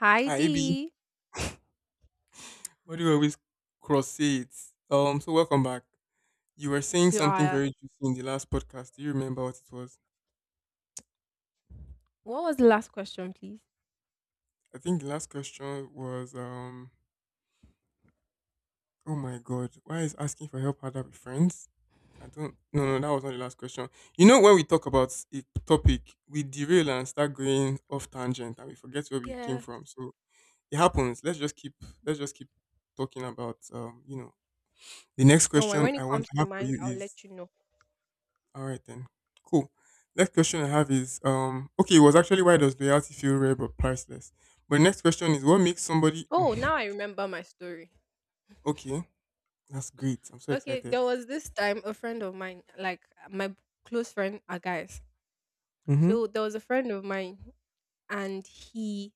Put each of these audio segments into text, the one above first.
Hi Hi, B. D What do you always cross it? So welcome back. You were saying to something our very juicy in the last podcast. Do you remember what it was? what was the last question, please? I think the last question was, oh my god, why is asking for help harder with friends? I don't. No, no, that was not the last question. You know, when we talk about a topic, we derail and start going off tangent, and we forget where we came Yeah. from. So it happens. Let's just keep. Let's just keep talking about. The next Don't worry. question When I it want comes to to have for mind, you I'll is let you know. all right then. Cool. Next question I have is okay, it was actually why does loyalty feel rare but priceless? But next question is what makes somebody Oh, now I remember my story. okay, that's great. I'm so Okay, excited. there was this time a friend of mine, like my close friend, are guys. Mhm. So there was a friend of mine, and he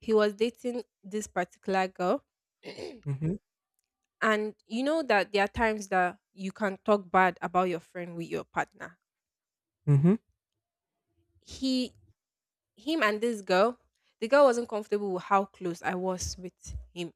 he was dating this particular girl, Mhm. and you know that there are times that you can talk bad about your friend with your partner. Mhm. He Him and this girl, the girl wasn't comfortable with how close I was with him.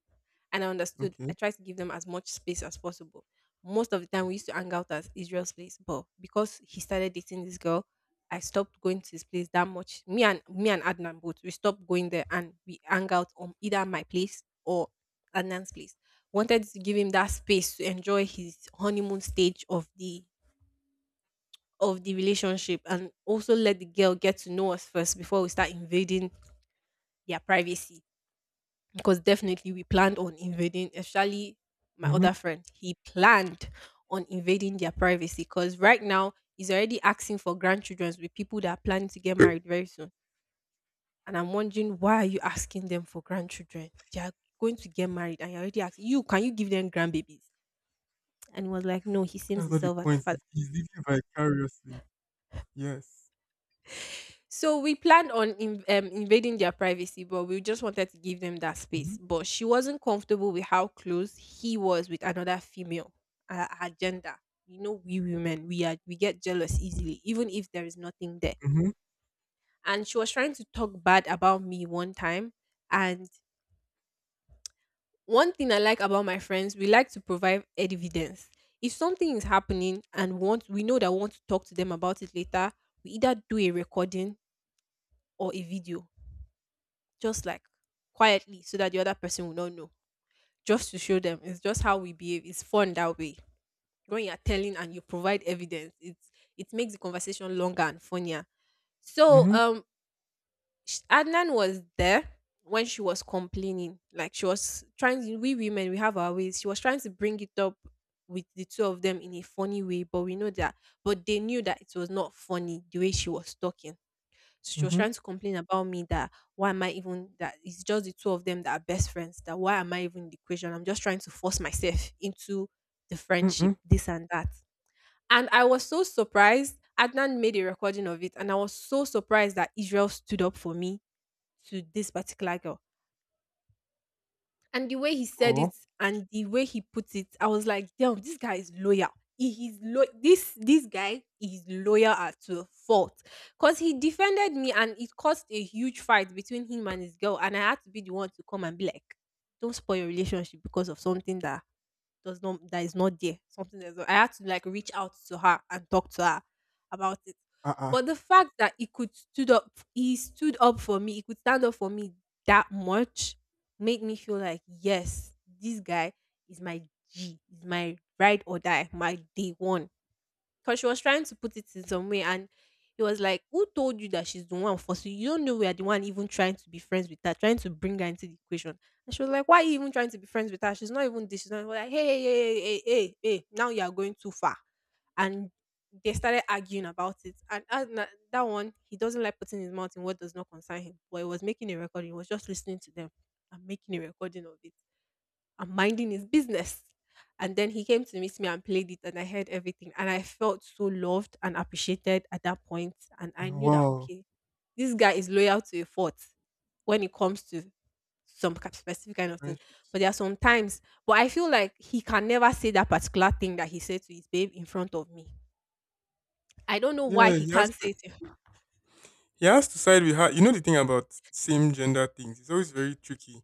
And I understood. I Okay. tried to give them as much space as possible. Most of the time, we used to hang out at Israel's place, but because he started dating this girl, I stopped going to his place that much. Me and Adnan both we stopped going there, and we hang out on either my place or Adnan's place. Wanted to give him that space to enjoy his honeymoon stage of the relationship, and also let the girl get to know us first before we start invading their privacy, because definitely we planned on invading, especially my Mhm. other friend, he planned on invading their privacy, because right now he's already asking for grandchildren with people that are planning to get married very soon. And I'm wondering, why are you asking them for grandchildren? They are going to get married and you're already asking, you can you give them grandbabies? And he was like no, he seems That's not the himself as the point. father. He's living vicariously. Yes. So we planned on invading their privacy, but we just wanted to give them that Mhm. space. But she wasn't comfortable with how close he was with another female, her gender. You know, we women, we get jealous easily, even if there is nothing there. Mhm. And she was trying to talk bad about me one time. And one thing I like about my friends, we like to provide evidence. If something is happening and want we know that we want to talk to them about it later, we either do a recording or a video, just like quietly, so that the other person will not know, just to show them. It's just how we behave, it's fun that way. When you're telling and you provide evidence, it's it makes the conversation longer and funnier. so Mhm. um Adnan was there when she was complaining. Like, she was trying to, we women we have our ways, she was trying to bring it up with the two of them in a funny way. But we know that but they knew that it was not funny the way she was talking. She was Mhm. trying to complain about me, that why am I even, that it's just the two of them that are best friends. That why am I even in the equation? I'm just trying to force myself into the friendship, Mhm. this and that. And I was so surprised. Adnan made a recording of it, and I was so surprised that Israel stood up for me to this particular girl. And the way he said Oh. it and the way he put it, I was like, damn, this guy is loyal. He is lo- this guy is loyal at to a fault. Because he defended me, and it caused a huge fight between him and his girl. And I had to be the one to come and be like, don't spoil your relationship because of something that does not that is not there. Something that's not, I had to like reach out to her and talk to her about it. Uh-uh. But the fact that he stood up for me, he could stand up for me that much, made me feel like, yes, this guy is my G, is my ride or die, my day one. Because she was trying to put it in some way, and it was like, who told you that she's the one, for so you don't know we are the one even trying to be friends with her, trying to bring her into the equation. And she was like, why are you even trying to be friends with her? She's not even this, she's not even like, hey, hey, hey, hey, hey, hey, hey, now you are going too far. And they started arguing about it. And as na- that one, he doesn't like putting his mouth in what does not concern him. But he was making a recording, he was just listening to them and making a recording of it. I'm Minding his business. And then he came to meet me and played it, and I heard everything. And I felt so loved and appreciated at that point. And I knew that, Wow. okay, this guy is loyal to a fault when it comes to some specific kind of thing. Friendships. But there are some times, but I feel like he can never say that particular thing that he said to his babe in front of me. I don't know why Yeah, he can't say it in. he has to side with her. You know the thing about same gender things. It's always very tricky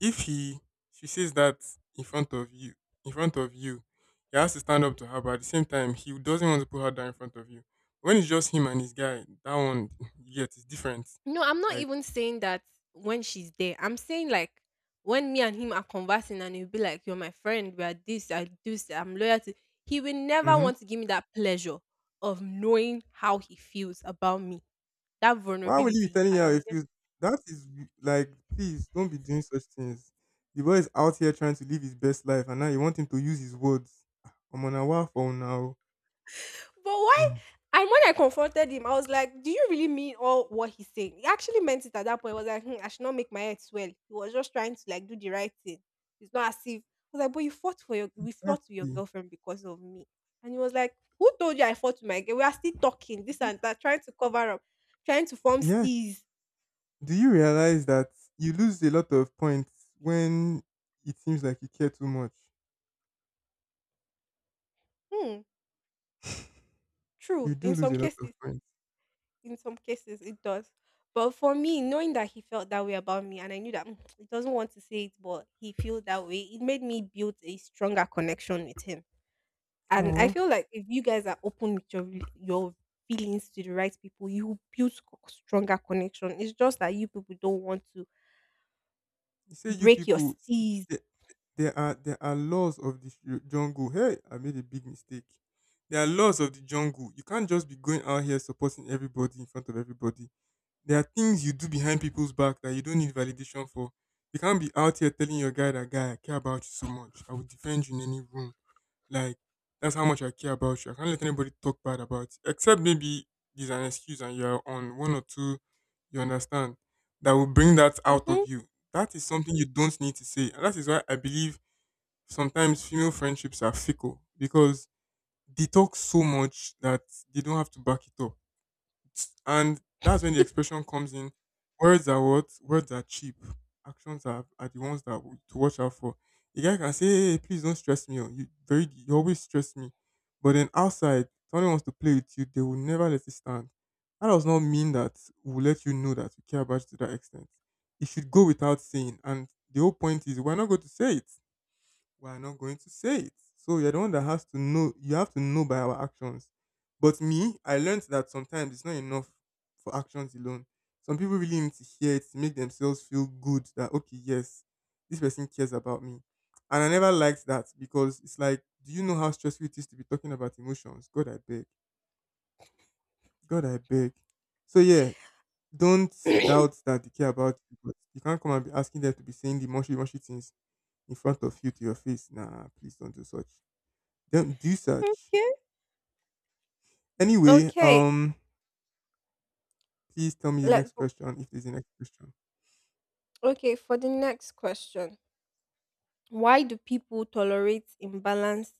if he she says that in front of you in front of you he has to stand up to her, but at the same time he doesn't want to put her down in front of you when it's just him and his guy. That one yet is different No, I'm not like. even saying that when she's there. I'm saying like when me and him are conversing, and he'll be like, you're my friend, we are this, I do this, I'm loyal to. He will never Mm-hmm. want to give me that pleasure of knowing how he feels about me. That Why will you be vulnerability you telling her can. if you that is like please don't be doing such things. The boy is out here trying to live his best life and now you want him to use his words. I'm on a waffle now. But why? Mm. And when I confronted him, I was like, "Do you really mean all what he's saying?" He actually meant it at that point. I was like, hmm, "I should not make my head swell." He was just trying to like do the right thing. It's not as if I was like, "But you fought for your, we fought with your Exactly. girlfriend because of me," and he was like, "Who told you I fought with my girl? We are still talking I this think and that, trying to cover up, trying to form yeah, stees." do you realize that you lose a lot of points when it seems like you care too much? Hmm, You true do in lose some a lot of cases. points. In some cases, it does. But for me, knowing that he felt that way about me, and I knew that he doesn't want to say it, but he feels that way, it made me build a stronger connection with him. And I Oh, feel like if you guys are open with your feelings to the right people, you will build stronger connection. It's just that you people don't want to you say you break your people, see, seas. there, there are laws of the jungle. Hey, I made a big mistake. There are laws of the jungle. You can't just be going out here supporting everybody in front of everybody. There are things you do behind people's back that you don't need validation for. You can't be out here telling your guy that guy, I care about you so much. I will defend you in any room. Like that's how much I care about you. I can't let anybody talk bad about you. Except maybe there's an excuse and you're on one or two, you understand, that will bring that out of hmm you. That is something you don't need to say. And that is why I believe sometimes female friendships are fickle because they talk so much that they don't have to back it up, and that's when the expression comes in. Words are what? Words are cheap. Actions are the ones that to watch out for. A guy can say, hey, please don't stress me. Oh, you very you always stress me. But then outside, someone wants to play with you, they will never let it stand. That does not mean that we'll let you know that we care about you to that extent. It should go without saying. And the whole point is we're not going to say it. We are not going to say it. So you're the one that has to know. You have to know by our actions. But me, I learned that sometimes it's not enough for actions alone. Some people really need to hear it to make themselves feel good that okay, yes, this person cares about me. And I never liked that because it's like, do you know how stressful it is to be talking about emotions? God, I beg. God, I beg. So yeah, don't doubt that they care about you, but you can't come and be asking them to be saying the mushy mushy things in front of you to your face. Nah, please don't do such. Don't do such. okay. Anyway, Okay. Please tell me the Let's. next question if there's a next question. Okay. For the next question, why do people tolerate imbalance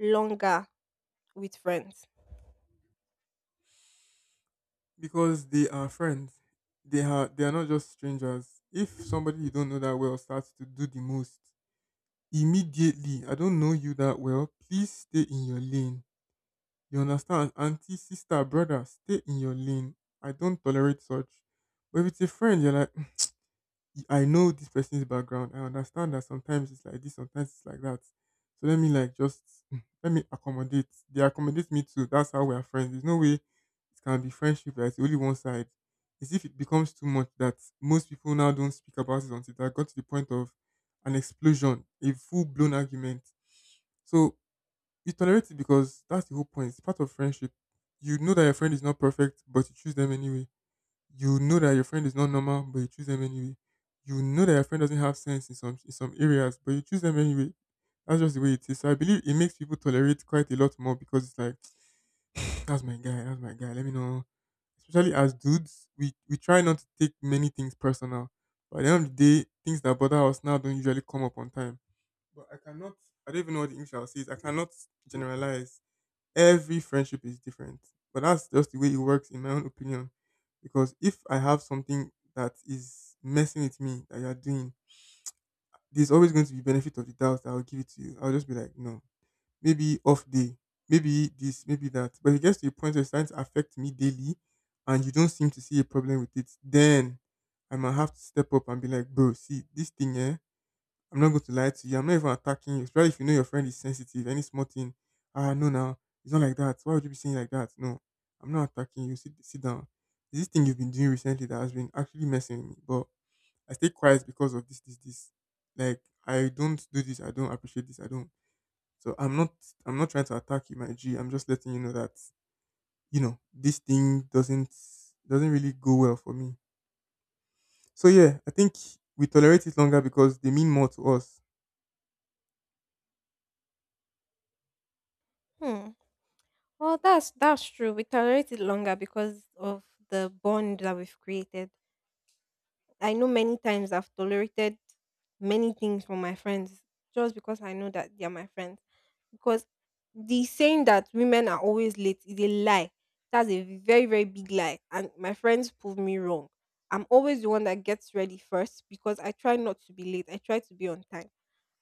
longer with friends? Because they are friends. They are not just strangers. If somebody you don't know that well starts to do the most immediately, I don't know you that well. Please stay in your lane. You understand? Auntie, sister, brother, stay in your lane. I don't tolerate such. But if it's a friend, you're like, I know this person's background. I understand that sometimes it's like this, sometimes it's like that. So let me like just let me accommodate. They accommodate me too. That's how we are friends. There's no way it can be friendship that's only one side. It's if it becomes too much that most people now don't speak about it until that got to the point of an explosion, a full blown argument. So you tolerate it because that's the whole point. It's part of friendship. You know that your friend is not perfect, but you choose them anyway. You know that your friend is not normal, but you choose them anyway. You know that your friend doesn't have sense in some areas, but you choose them anyway. That's just the way it is. So I believe it makes people tolerate quite a lot more because it's like, that's my guy, that's my guy. Let me know. Especially as dudes, we try not to take many things personal. But at the end of the day, things that bother us now don't usually come up on time. But I cannot. I don't even know what the English I'll say is. I cannot generalize. Every friendship is different, but that's just the way it works, in my own opinion. Because if I have something that is messing with me that you're doing, there's always going to be benefit of the doubt that I'll give it to you. I'll just be like, no, maybe off day, maybe this, maybe that. But if it gets to a point where it's starting to affect me daily and you don't seem to see a problem with it, then I might have to step up and be like, bro, see, this thing, yeah, I'm not going to lie to you. I'm not even attacking you, especially if you know your friend is sensitive. Any small thing, ah, no, now it's not like that. Why would you be saying like that? No, I'm not attacking you. Sit, sit down. It's this thing you've been doing recently that has been actually messing with me, but I stay quiet because of this, this, this. Like I don't do this. I don't appreciate this. I don't. So I'm not. I'm not trying to attack you, my G. I'm just letting you know that you know this thing doesn't really go well for me. So yeah, I think we tolerate it longer because they mean more to us. Hmm. Well, that's true. We tolerate it longer because of the bond that we've created. I know many times I've tolerated many things from my friends just because I know that they're my friends. Because the saying that women are always late is a lie. That's a very, very big lie. And my friends prove me wrong. I'm always the one that gets ready first because I try not to be late. I try to be on time.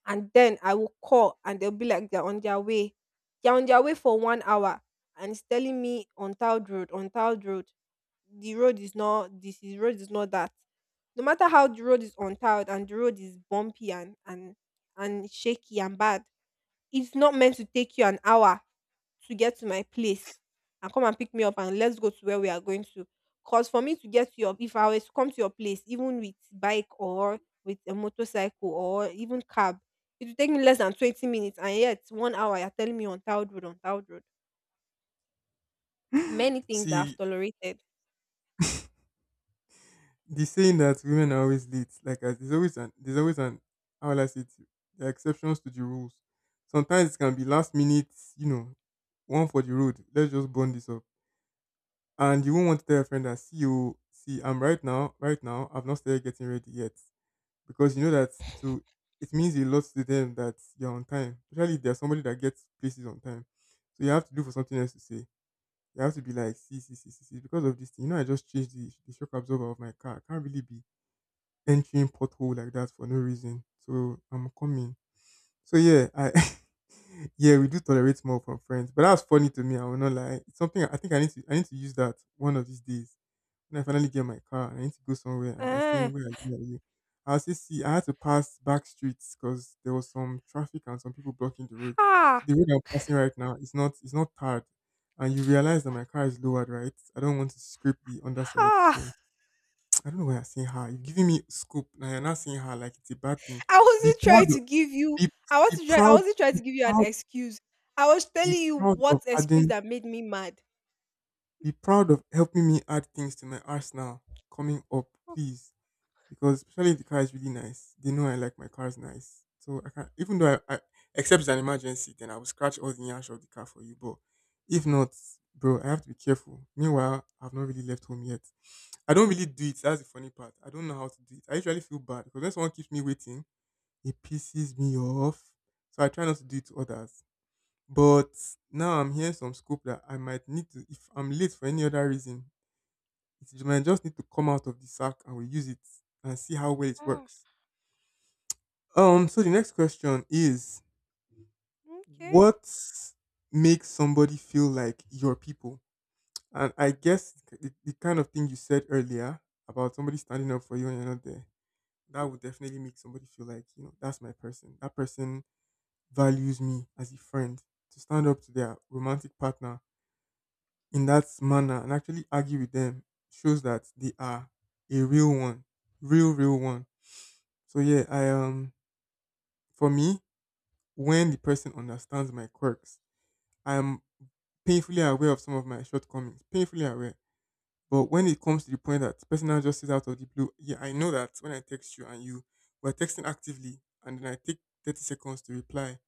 And then I will call and they'll be like they're on their way. They're on their way for 1 hour, and it's telling me on Towed Road, on Towed Road. The road is not, this is road is not that. No matter how the road is untiled and the road is bumpy and and shaky and bad, it's not meant to take you an hour to get to my place and come and pick me up and let's go to where we are going to. Because for me to get to your, if I was to come to your place even with bike or with a motorcycle or even cab, it will take me less than 20 minutes. And yet 1 hour you're telling me untiled road, untiled road. Many things that I've See, tolerated. the saying that women are always late, like as there's always an how will I say it? There are exceptions to the rules. Sometimes it can be last minute, you know, one for the road. Let's just burn this up. And you won't want to tell your friend that see you see I'm right now, right now, I've not started getting ready yet. Because you know that it will it means a lot to them that you're on time. Especially if there's somebody that gets places on time. So you have to do for something else to say. You have to be like, see, see, see, see, see, because of this thing. You know, I just changed the shock absorber of my car. I can't really be entering pothole like that for no reason. So I'm coming. So yeah, I yeah, we do tolerate more from friends. But that's funny to me, I will not lie. It's something I think I need to use that one of these days. When I finally get my car and I need to go somewhere and they're Ah, saying where are you? Where are you? I'll say see I had to pass back streets because there was some traffic and some people blocking the road. ha, So the road I'm passing right now is not tarred. And you realize that my car is lowered, right? I don't want to scrape the underside. ha. So I don't know why you're saying her. You're giving me scoop. Now you're not saying her like it's a bad thing. I Be wasn't trying proud. To give you Be be I proud. wasn't trying Be to give you an proud. excuse. I was Be telling you proud of what excuse adding. that made me mad. Be proud of helping me add things to my arsenal coming up, "Oh, please. Because especially if the car is really nice, they know I like my cars nice. So I can even though I except it's an emergency, then I will scratch all the ash of the car for you. But if not, bro, I have to be careful. Meanwhile, I've not really left home yet. I don't really do it. That's the funny part. I don't know how to do it. I usually feel bad because when someone keeps me waiting, it pisses me off. So I try not to do it to others. But now I'm hearing some scope that I might need to, if I'm late for any other reason, it might just need to come out of the sack and we use it and see how well it ah, works. So the next question is okay. what makes somebody feel like your people? And I guess the kind of thing you said earlier about somebody standing up for you and you're not there, that would definitely make somebody feel like, you know, that's my person. That person values me as a friend to stand up to their romantic partner in that manner and actually argue with them shows that they are a real one, real one. So yeah, I for me when the person understands my quirks, I am painfully aware of some of my shortcomings, painfully aware. But when it comes to the point that the person now just says out of the blue, yeah, I know that when I text you and you were texting actively and then I take 30 seconds to reply,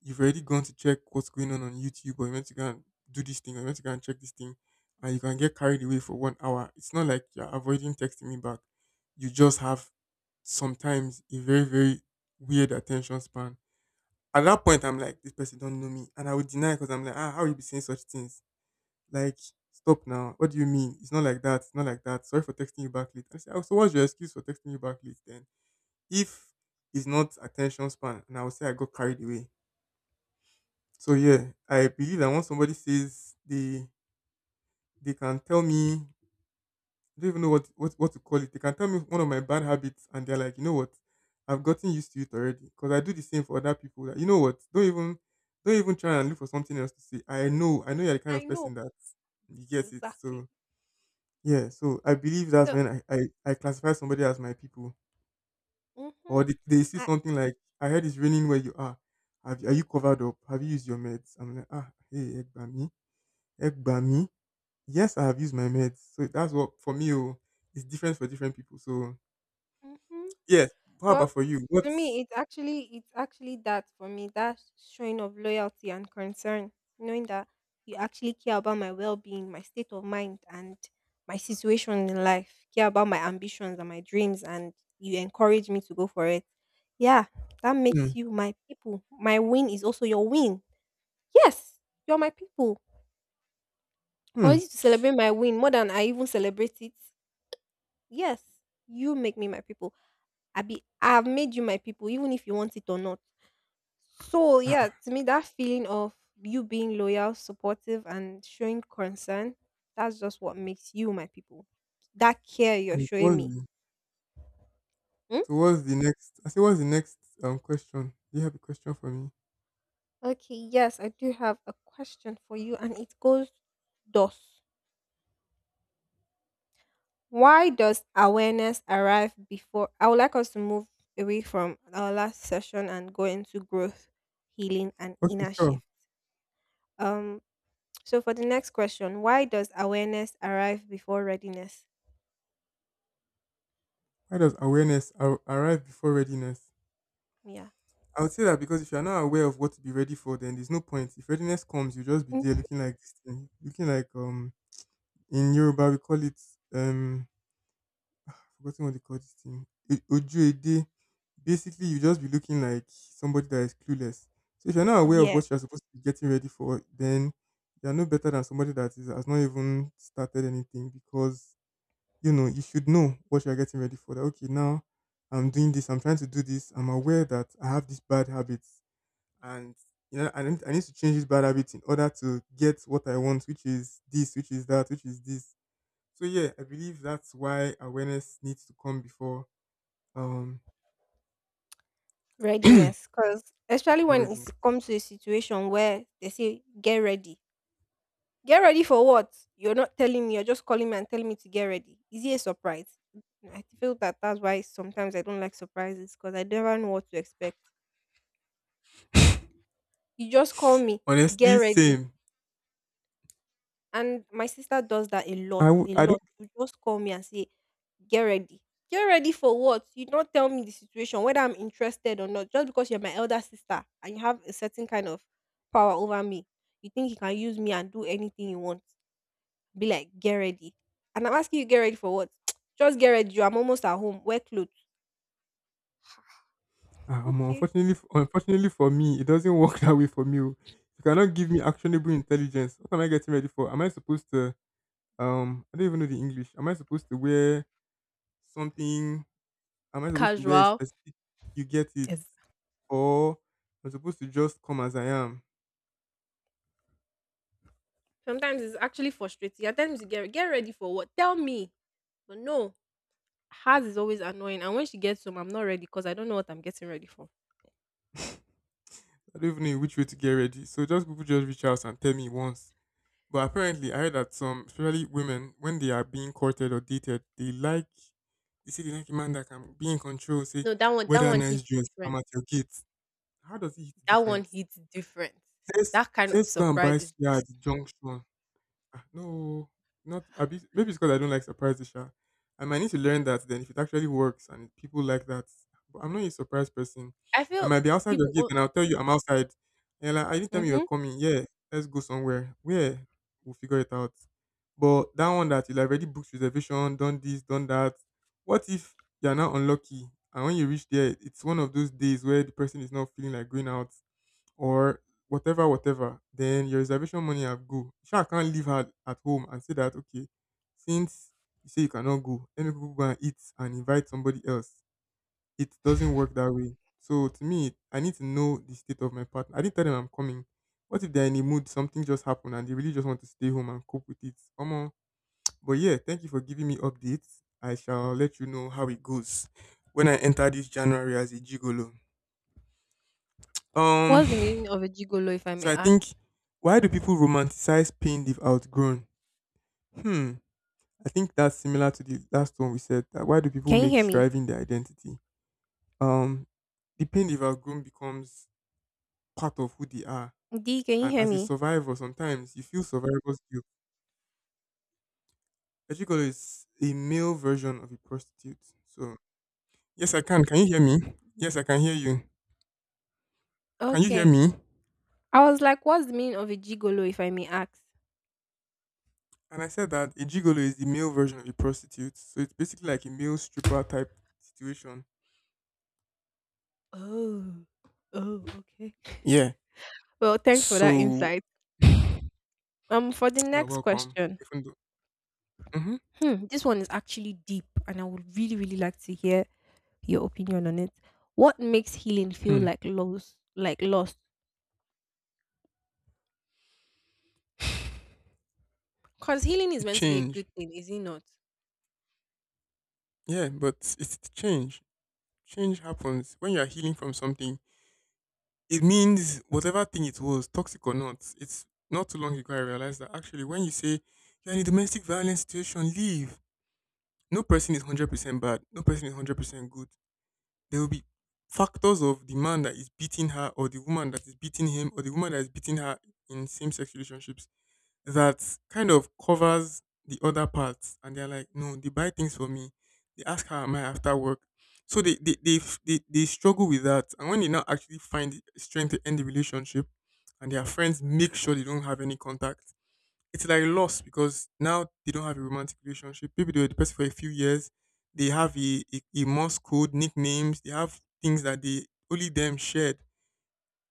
you've already gone to check what's going on YouTube, or you meant to go and do this thing, or you meant to go and check this thing, and you can get carried away for 1 hour. It's not like you're avoiding texting me back. You just have sometimes a very, very weird attention span. At that point, I'm like, this person don't know me, and I would deny because I'm like, ah, how you be saying such things? Like, stop now. What do you mean? It's not like that. It's not like that. Sorry for texting you back late. I say, oh, so what's your excuse for texting you back late then? If it's not attention span, and I would say I got carried away. So yeah, I believe that once somebody says they can tell me, I don't even know what, what to call it. They can tell me one of my bad habits and they're like, you know what, I've gotten used to it already. Because I do the same for other people. That, you know what? Don't even try and look for something else to say. I know you're the kind I of person know. that you get it. Exactly. So yeah, so I believe that's So when I classify somebody as my people. mm-hmm. Or they see I something like, I heard it's raining where you are. Are you covered up? Have you used your meds? I'm like, ah, hey, Egbami, Egbami. Yes, I have used my meds. So that's what for me. Oh, it's different for different people. So mm-hmm. yes, how about for you? To What's me, it's actually that for me. That showing of loyalty and concern, knowing that you actually care about my well-being, my state of mind, and my situation in life. Care about my ambitions and my dreams, and you encourage me to go for it. Yeah, that hmm, makes you my people. My win is also your win. Yes, you're my people. For hmm. you to celebrate my win more than I even celebrate it. Yes, you make me my people. I've made you my people, even if you want it or not. So Ah, yeah, ah. to me that feeling of you being loyal, supportive and showing concern, that's just what makes you my people. That care you're And showing what's me. the, Hmm? so what's the next, I say what's the next question? Do you have a question for me? Okay, yes, I do have a question for you and it goes thus. Why does awareness arrive before— I would like us to move away from our last session and go into growth, healing and Okay, inner sure. shift. Um so for the next question, why does awareness arrive before readiness? Why does arrive before readiness? Yeah. I would say that because if you're not aware of what to be ready for, then there's no point. If readiness comes, you'll just be there Mm. looking like this thing, looking like in Yoruba we call it um forgotten what they call this thing. Ojuede. Basically, you just be looking like somebody that is clueless. So if you're not aware of Yeah. what you're supposed to be getting ready for, then you're no better than somebody that is has not even started anything, because you know you should know what you're getting ready for. That okay, now I'm doing this. I'm trying to do this. I'm aware that I have these bad habits, and you know I need to change these bad habits in order to get what I want, which is this, which is that, which is this. So yeah, I believe that's why awareness needs to come before um, Readiness, because especially when already. it comes to a situation where they say get ready for what? You're not telling me. You're just calling me and telling me to get ready. Is it a surprise? I feel that that's why sometimes I don't like surprises because I never know what to expect. You just call me, get Honestly, ready, same. and my sister does that a I, lot, w- a I don't. lot. You just call me and say get ready. Get ready for what? You don't tell me the situation, whether I'm interested or not. Just because you're my elder sister and you have a certain kind of power over me, you think you can use me and do anything you want. Be like, get ready. And I'm asking you, get ready for what? Just get ready. I'm almost at home. Wear clothes. Okay. Unfortunately for me, it doesn't work that way for me. Oh. You cannot give me actionable intelligence. What am I getting ready for? Am I supposed to? I don't even know the English. Am I supposed to wear something? Am I supposed to wear a Casual. specific? You get it, Yes. or I'm supposed to just come as I am. Sometimes it's actually frustrating. At times you get ready for what? Tell me. But no, hers is always annoying. And when she gets home, I'm not ready because I don't know what I'm getting ready for. I don't even know in which way to get ready. So just people just reach out and tell me once. But apparently, I heard that some, especially women, when they are being courted or dated, they like, they say they like a man that can be in control, say, No, that one that weather one nice hits dress, I'm different. at your gate. How does it hit That one different? hits different. let's That kind of let's go and buy surprise is suya just— at the junction. Ah, no, not a bit. Maybe it's because I don't like surprises, Sha. I might need to learn that then if it actually works and people like that. But I'm not a surprise person. I I feel might be outside your people gate o. and I'll tell you I'm outside. And you're like, I didn't tell me you were Mhm. coming. Yeah, let's go somewhere. Where? We'll figure it out. But that one that you have already booked reservation, done this, done that. What if you're now unlucky and when you reach there, it's one of those days where the person is not feeling like going out or whatever, whatever, then your reservation money have go. Sure, I can't leave her at home and say that okay, since you say you cannot go, let me go and eat and invite somebody else. It doesn't work that way. So to me, I need to know the state of my partner. I didn't tell them I'm coming. What if they're in a mood, something just happened and they really just want to stay home and cope with it? Omo. But yeah, thank you for giving me updates. I shall let you know how it goes when I enter this January as a gigolo. Um What's the meaning of a gigolo if I So may I ask? think, why do people romanticize pain they've outgrown? Hmm. I think that's similar to the last one we said. That why do people Can you make hear me? striving their identity? Um, the pain they've outgrown becomes part of who they are. D, can you And hear as a me? survivor, sometimes you feel survivor's guilt. Ejikolo is a male version of a prostitute. So yes, I can. Can you hear me? Yes, I can hear you. Can you hear Okay. me? I was like, what's the meaning of a gigolo if I may ask? And I said that a gigolo is the male version of a prostitute. So it's basically like a male stripper type situation. Oh. Oh, okay. Yeah, Well, thanks for that so insight. For the you're next welcome. question, Even though hmm, hmm, this one is actually deep, and I would really, really like to hear your opinion on it. What makes healing feel hmm, like loss, like loss? Because healing is it meant to be a change, good thing, is it not? yeah, but it's the change. Change happens when you are healing from something. It means whatever thing it was, toxic or not. It's not too long ago I realized that actually, when you say you're in a domestic violence situation, leave. No person is 100% bad. No person is 100% good. There will be factors of the man that is beating her, or the woman that is beating him, or the woman that is beating her in same-sex relationships that kind of covers the other parts, and they're like, no, they buy things for me, they ask how am I after work. So they f- they struggle with that, and when they now actually find the strength to end the relationship and their friends make sure they don't have any contact, it's like a loss because now they don't have a romantic relationship. Maybe they were the person for a few years, they have a morse code, nicknames, they have things that they only them shared.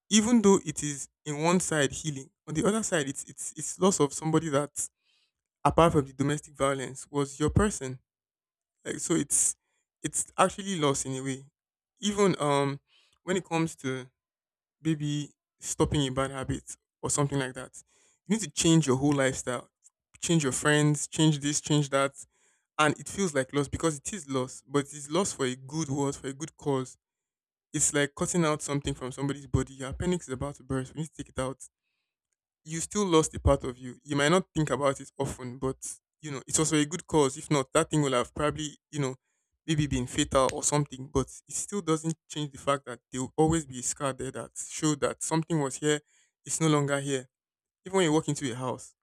Even though it is in one side healing, on the other side it's loss of somebody that, apart from the domestic violence, was your person. Like, so it's actually loss in a way. Even when it comes to maybe stopping a bad habit or something like that, you need to change your whole lifestyle. Change your friends, change this, change that. And it feels like loss because it is loss, but it's loss for a good word, for a good cause. It's like cutting out something from somebody's body. Your appendix is about to burst. We need to take it out, you still lost a part of you. You might not think about it often, but you know, it was for a good cause. If not, that thing will have probably, you know, maybe been fatal or something. But it still doesn't change the fact that there will always be a scar there that showed that something was here, it's no longer here. Even when you walk into a house,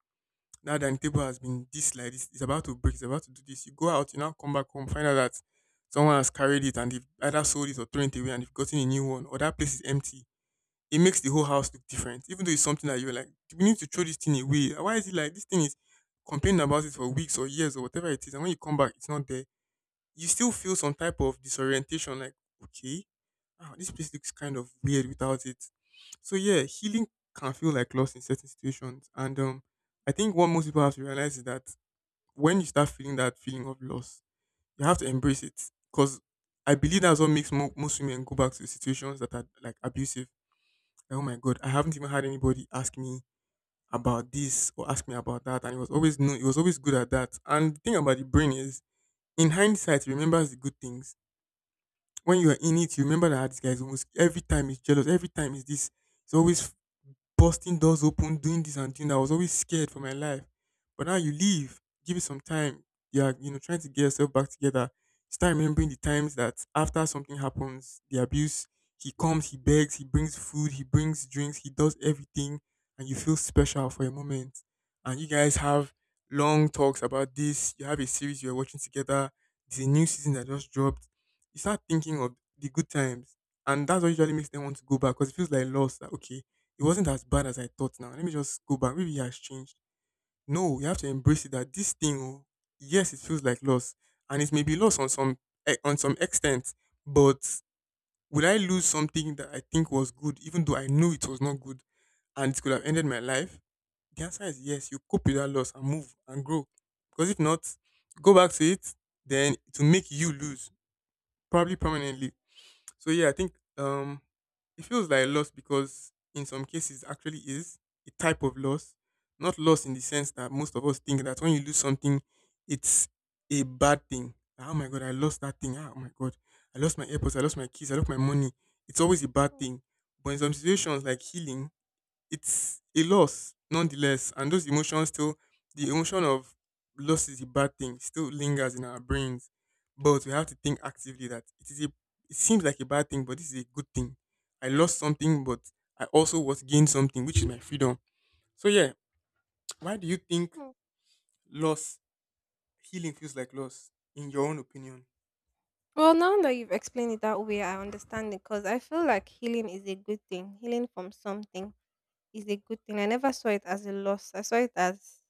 that the table has been this like this, it's about to break, it's about to do this. You go out, you now come back home, find out that someone has carried it and they've either sold it or thrown it away and they've gotten a new one, or that place is empty. It makes the whole house look different. Even though it's something that you're like, we need to throw this thing away. Why is it like this thing is complaining about it for weeks or years or whatever it is, and when you come back, it's not there. You still feel some type of disorientation, like, okay, ah, this place looks kind of weird without it. So yeah, healing can feel like loss in certain situations. And I think what most people have to realize is that when you start feeling that feeling of loss, you have to embrace it. Because I believe that's what makes most women go back to situations that are like abusive. Oh my god, I haven't even had anybody ask me about this or ask me about that, and it was always no, it was always good at that. And the thing about the brain is, in hindsight, it remembers the good things. When you are in it, you remember that this guy is almost every time he's jealous, every time is this. He's always busting doors open, doing this and doing that. I was always scared for my life. But now you leave, give it some time. You're, you know, trying to get yourself back together. Start remembering the times that after something happens, the abuse, he comes, he begs, he brings food, he brings drinks, he does everything, and you feel special for a moment. And you guys have long talks about this. You have a series you're watching together. There's a new season that just dropped. You start thinking of the good times. And that's what usually makes them want to go back because it feels like loss. That, okay, it wasn't as bad as I thought now. Let me just go back. Maybe it has changed. No, you have to embrace it that this thing, oh, yes, it feels like loss. And it may be lost on some on some extent. But will I lose something that I think was good, even though I knew it was not good and it could have ended my life? The answer is yes, you cope with that loss and move and grow. Because if not, go back to it, then it will make you lose, probably permanently. So yeah, I think it feels like loss because in some cases actually is a type of loss. Not loss in the sense that most of us think that when you lose something, it's a bad thing. Like, oh my god, I lost that thing. Ah, oh my god, I lost my AirPods, I lost my keys, I lost my money. It's always a bad thing. But in some situations like healing, it's a loss nonetheless and those emotions still, the emotion of loss is a bad thing still lingers in our brains, but we have to think actively that it is a, it seems like a bad thing but this is a good thing. I lost something but I also was gained something which is my freedom. So yeah, why do you think Hmm. loss, healing feels like loss in your own opinion? Well, now that you've explained it that way, I understand it because I feel like healing is a good thing. Healing from something is a good thing. I never saw it as a loss, I saw it as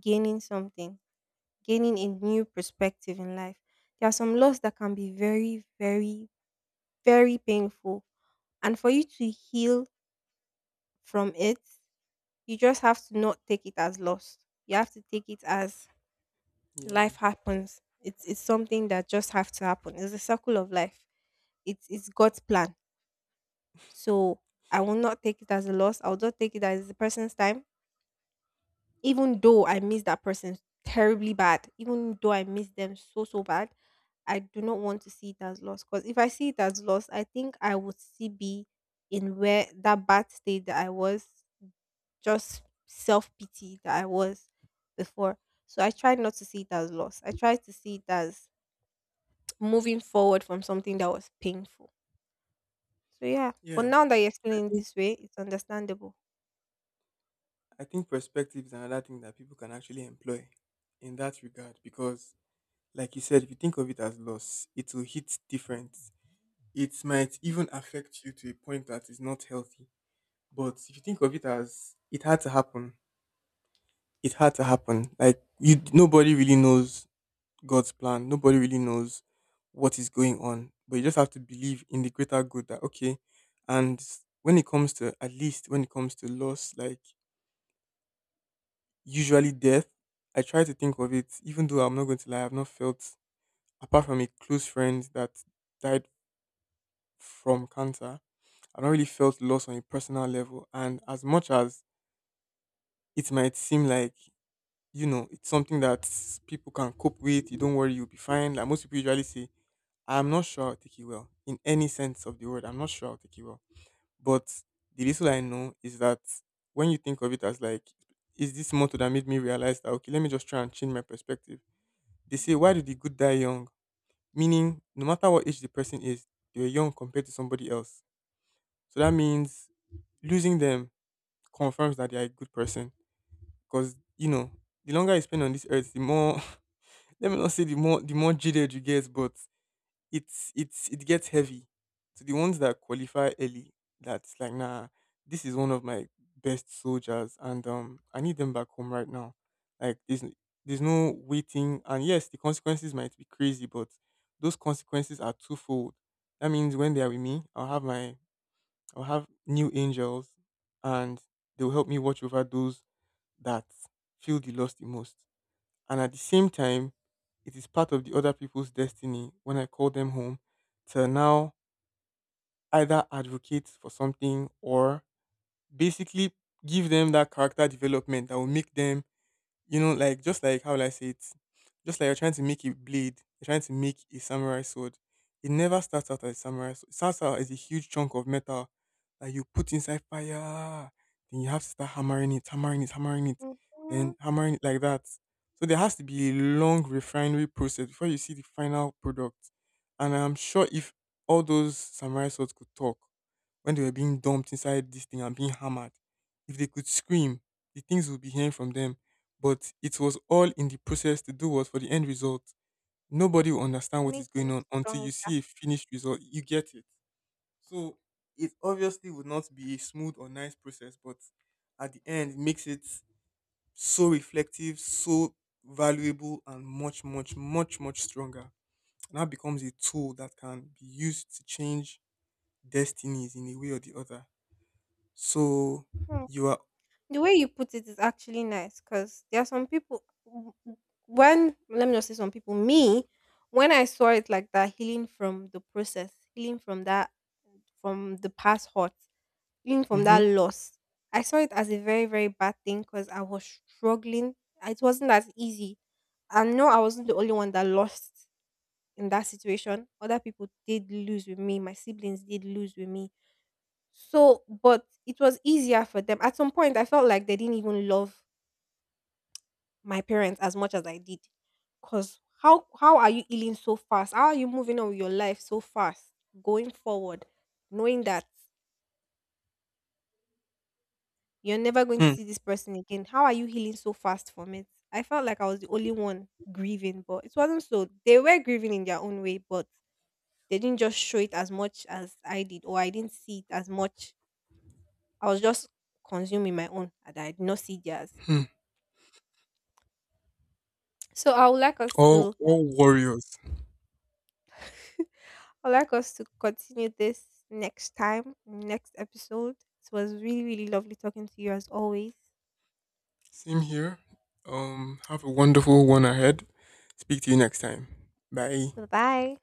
gaining something, gaining a new perspective in life. There are some loss that can be very, very, very painful. And for you to heal from it, you just have to not take it as loss. You have to take it as Yeah, life happens. It's something that just have to happen. It's a circle of life. It's God's plan. So I will not take it as a loss. I will not take it as the person's time. Even though I miss that person terribly bad, even though I miss them so so bad, I do not want to see it as loss. Because if I see it as loss, I think I would see be in where that bad state that I was, just self pity that I was before. So I tried not to see it as loss. I tried to see it as moving forward from something that was painful. So yeah, but yeah, now that you i explain it think this way, it's understandable. I think perspective is another thing that people can actually employ in that regard because, like you said, if you think of it as loss, it will hit different. It might even affect you to a point that is not healthy. But if you think of it as it had to happen, it had to happen. Like you, nobody really knows God's plan. Nobody really knows what is going on. But you just have to believe in the greater good that okay. And when it comes to, at least when it comes to loss, like usually death, I try to think of it. Even though I'm not going to lie, I've not felt, apart from a close friend that died from cancer, I've not really felt loss on a personal level. And as much as it might seem like, you know, it's something that people can cope with, you don't worry, you'll be fine. Like most people usually say, I'm not sure I'll take it well in any sense of the word. I'm not sure I'll take it well. But the little I know is that when you think of it as like, is this motto that made me realize that, okay, let me just try and change my perspective. They say, why do the good die young? Meaning, no matter what age the person is, they were young compared to somebody else. So that means losing them confirms that they are a good person. Because, the longer you spend on this earth, the more, let me not say the more, the more jaded you get, but it's it gets heavy. So the ones that qualify early, that's like, nah, this is one of my best soldiers and I need them back home right now. Like there's n- there's no waiting and yes, the consequences might be crazy, but those consequences are twofold. That means when they are with me, I'll have new angels and they'll help me watch over those that feel the loss the most. And at the same time, it is part of the other people's destiny when I call them home to now either advocate for something or basically give them that character development that will make them, like just like, how will I say it? Just like you're trying to make a blade, you're trying to make a samurai sword. It never starts out as a samurai sword. It starts out as a huge chunk of metal that you put inside fire. Then you have to start hammering it, hammering it, hammering it, Hmm. then hammering it like that. So there has to be a long refinery process before you see the final product. And I'm sure if all those samurai swords could talk when they were being dumped inside this thing and being hammered, if they could scream, the things we'll be hearing from them, but it was all in the process to do what for the end result. Nobody will understand what is Make going them on until you stronger. see a finished result. You get it. So it obviously would not be a smooth or nice process, but at the end, it makes it so reflective, so valuable, and much, much, much, much stronger. And that becomes a tool that can be used to change destinies in a way or the other. So Hmm. you are, The way you put it is actually nice because there are some people. When let me not say some people, me, when I saw it like that, healing from the process, healing from that, from the past hurt. Healing from mm-hmm, that loss. I saw it as a very, very bad thing because I was struggling. It wasn't as easy. And no, I wasn't the only one that lost in that situation. Other people did lose with me. My siblings did lose with me. So, but it was easier for them. At some point, I felt like they didn't even love my parents as much as I did. Because how are you healing so fast? How are you moving on with your life so fast, going forward, knowing that you're never going to hmm, see this person again? How are you healing so fast from it? I felt like I was the only one grieving, but it wasn't so. They were grieving in their own way, but they didn't just show it as much as I did, or I didn't see it as much. I was just consuming my own, and I did not see theirs. hmm, So I would like us all to— all warriors. I would like us to continue this next time, next episode. It was really, really lovely talking to you as always. Same here. Have a wonderful one ahead. Speak to you next time. Bye. Bye bye.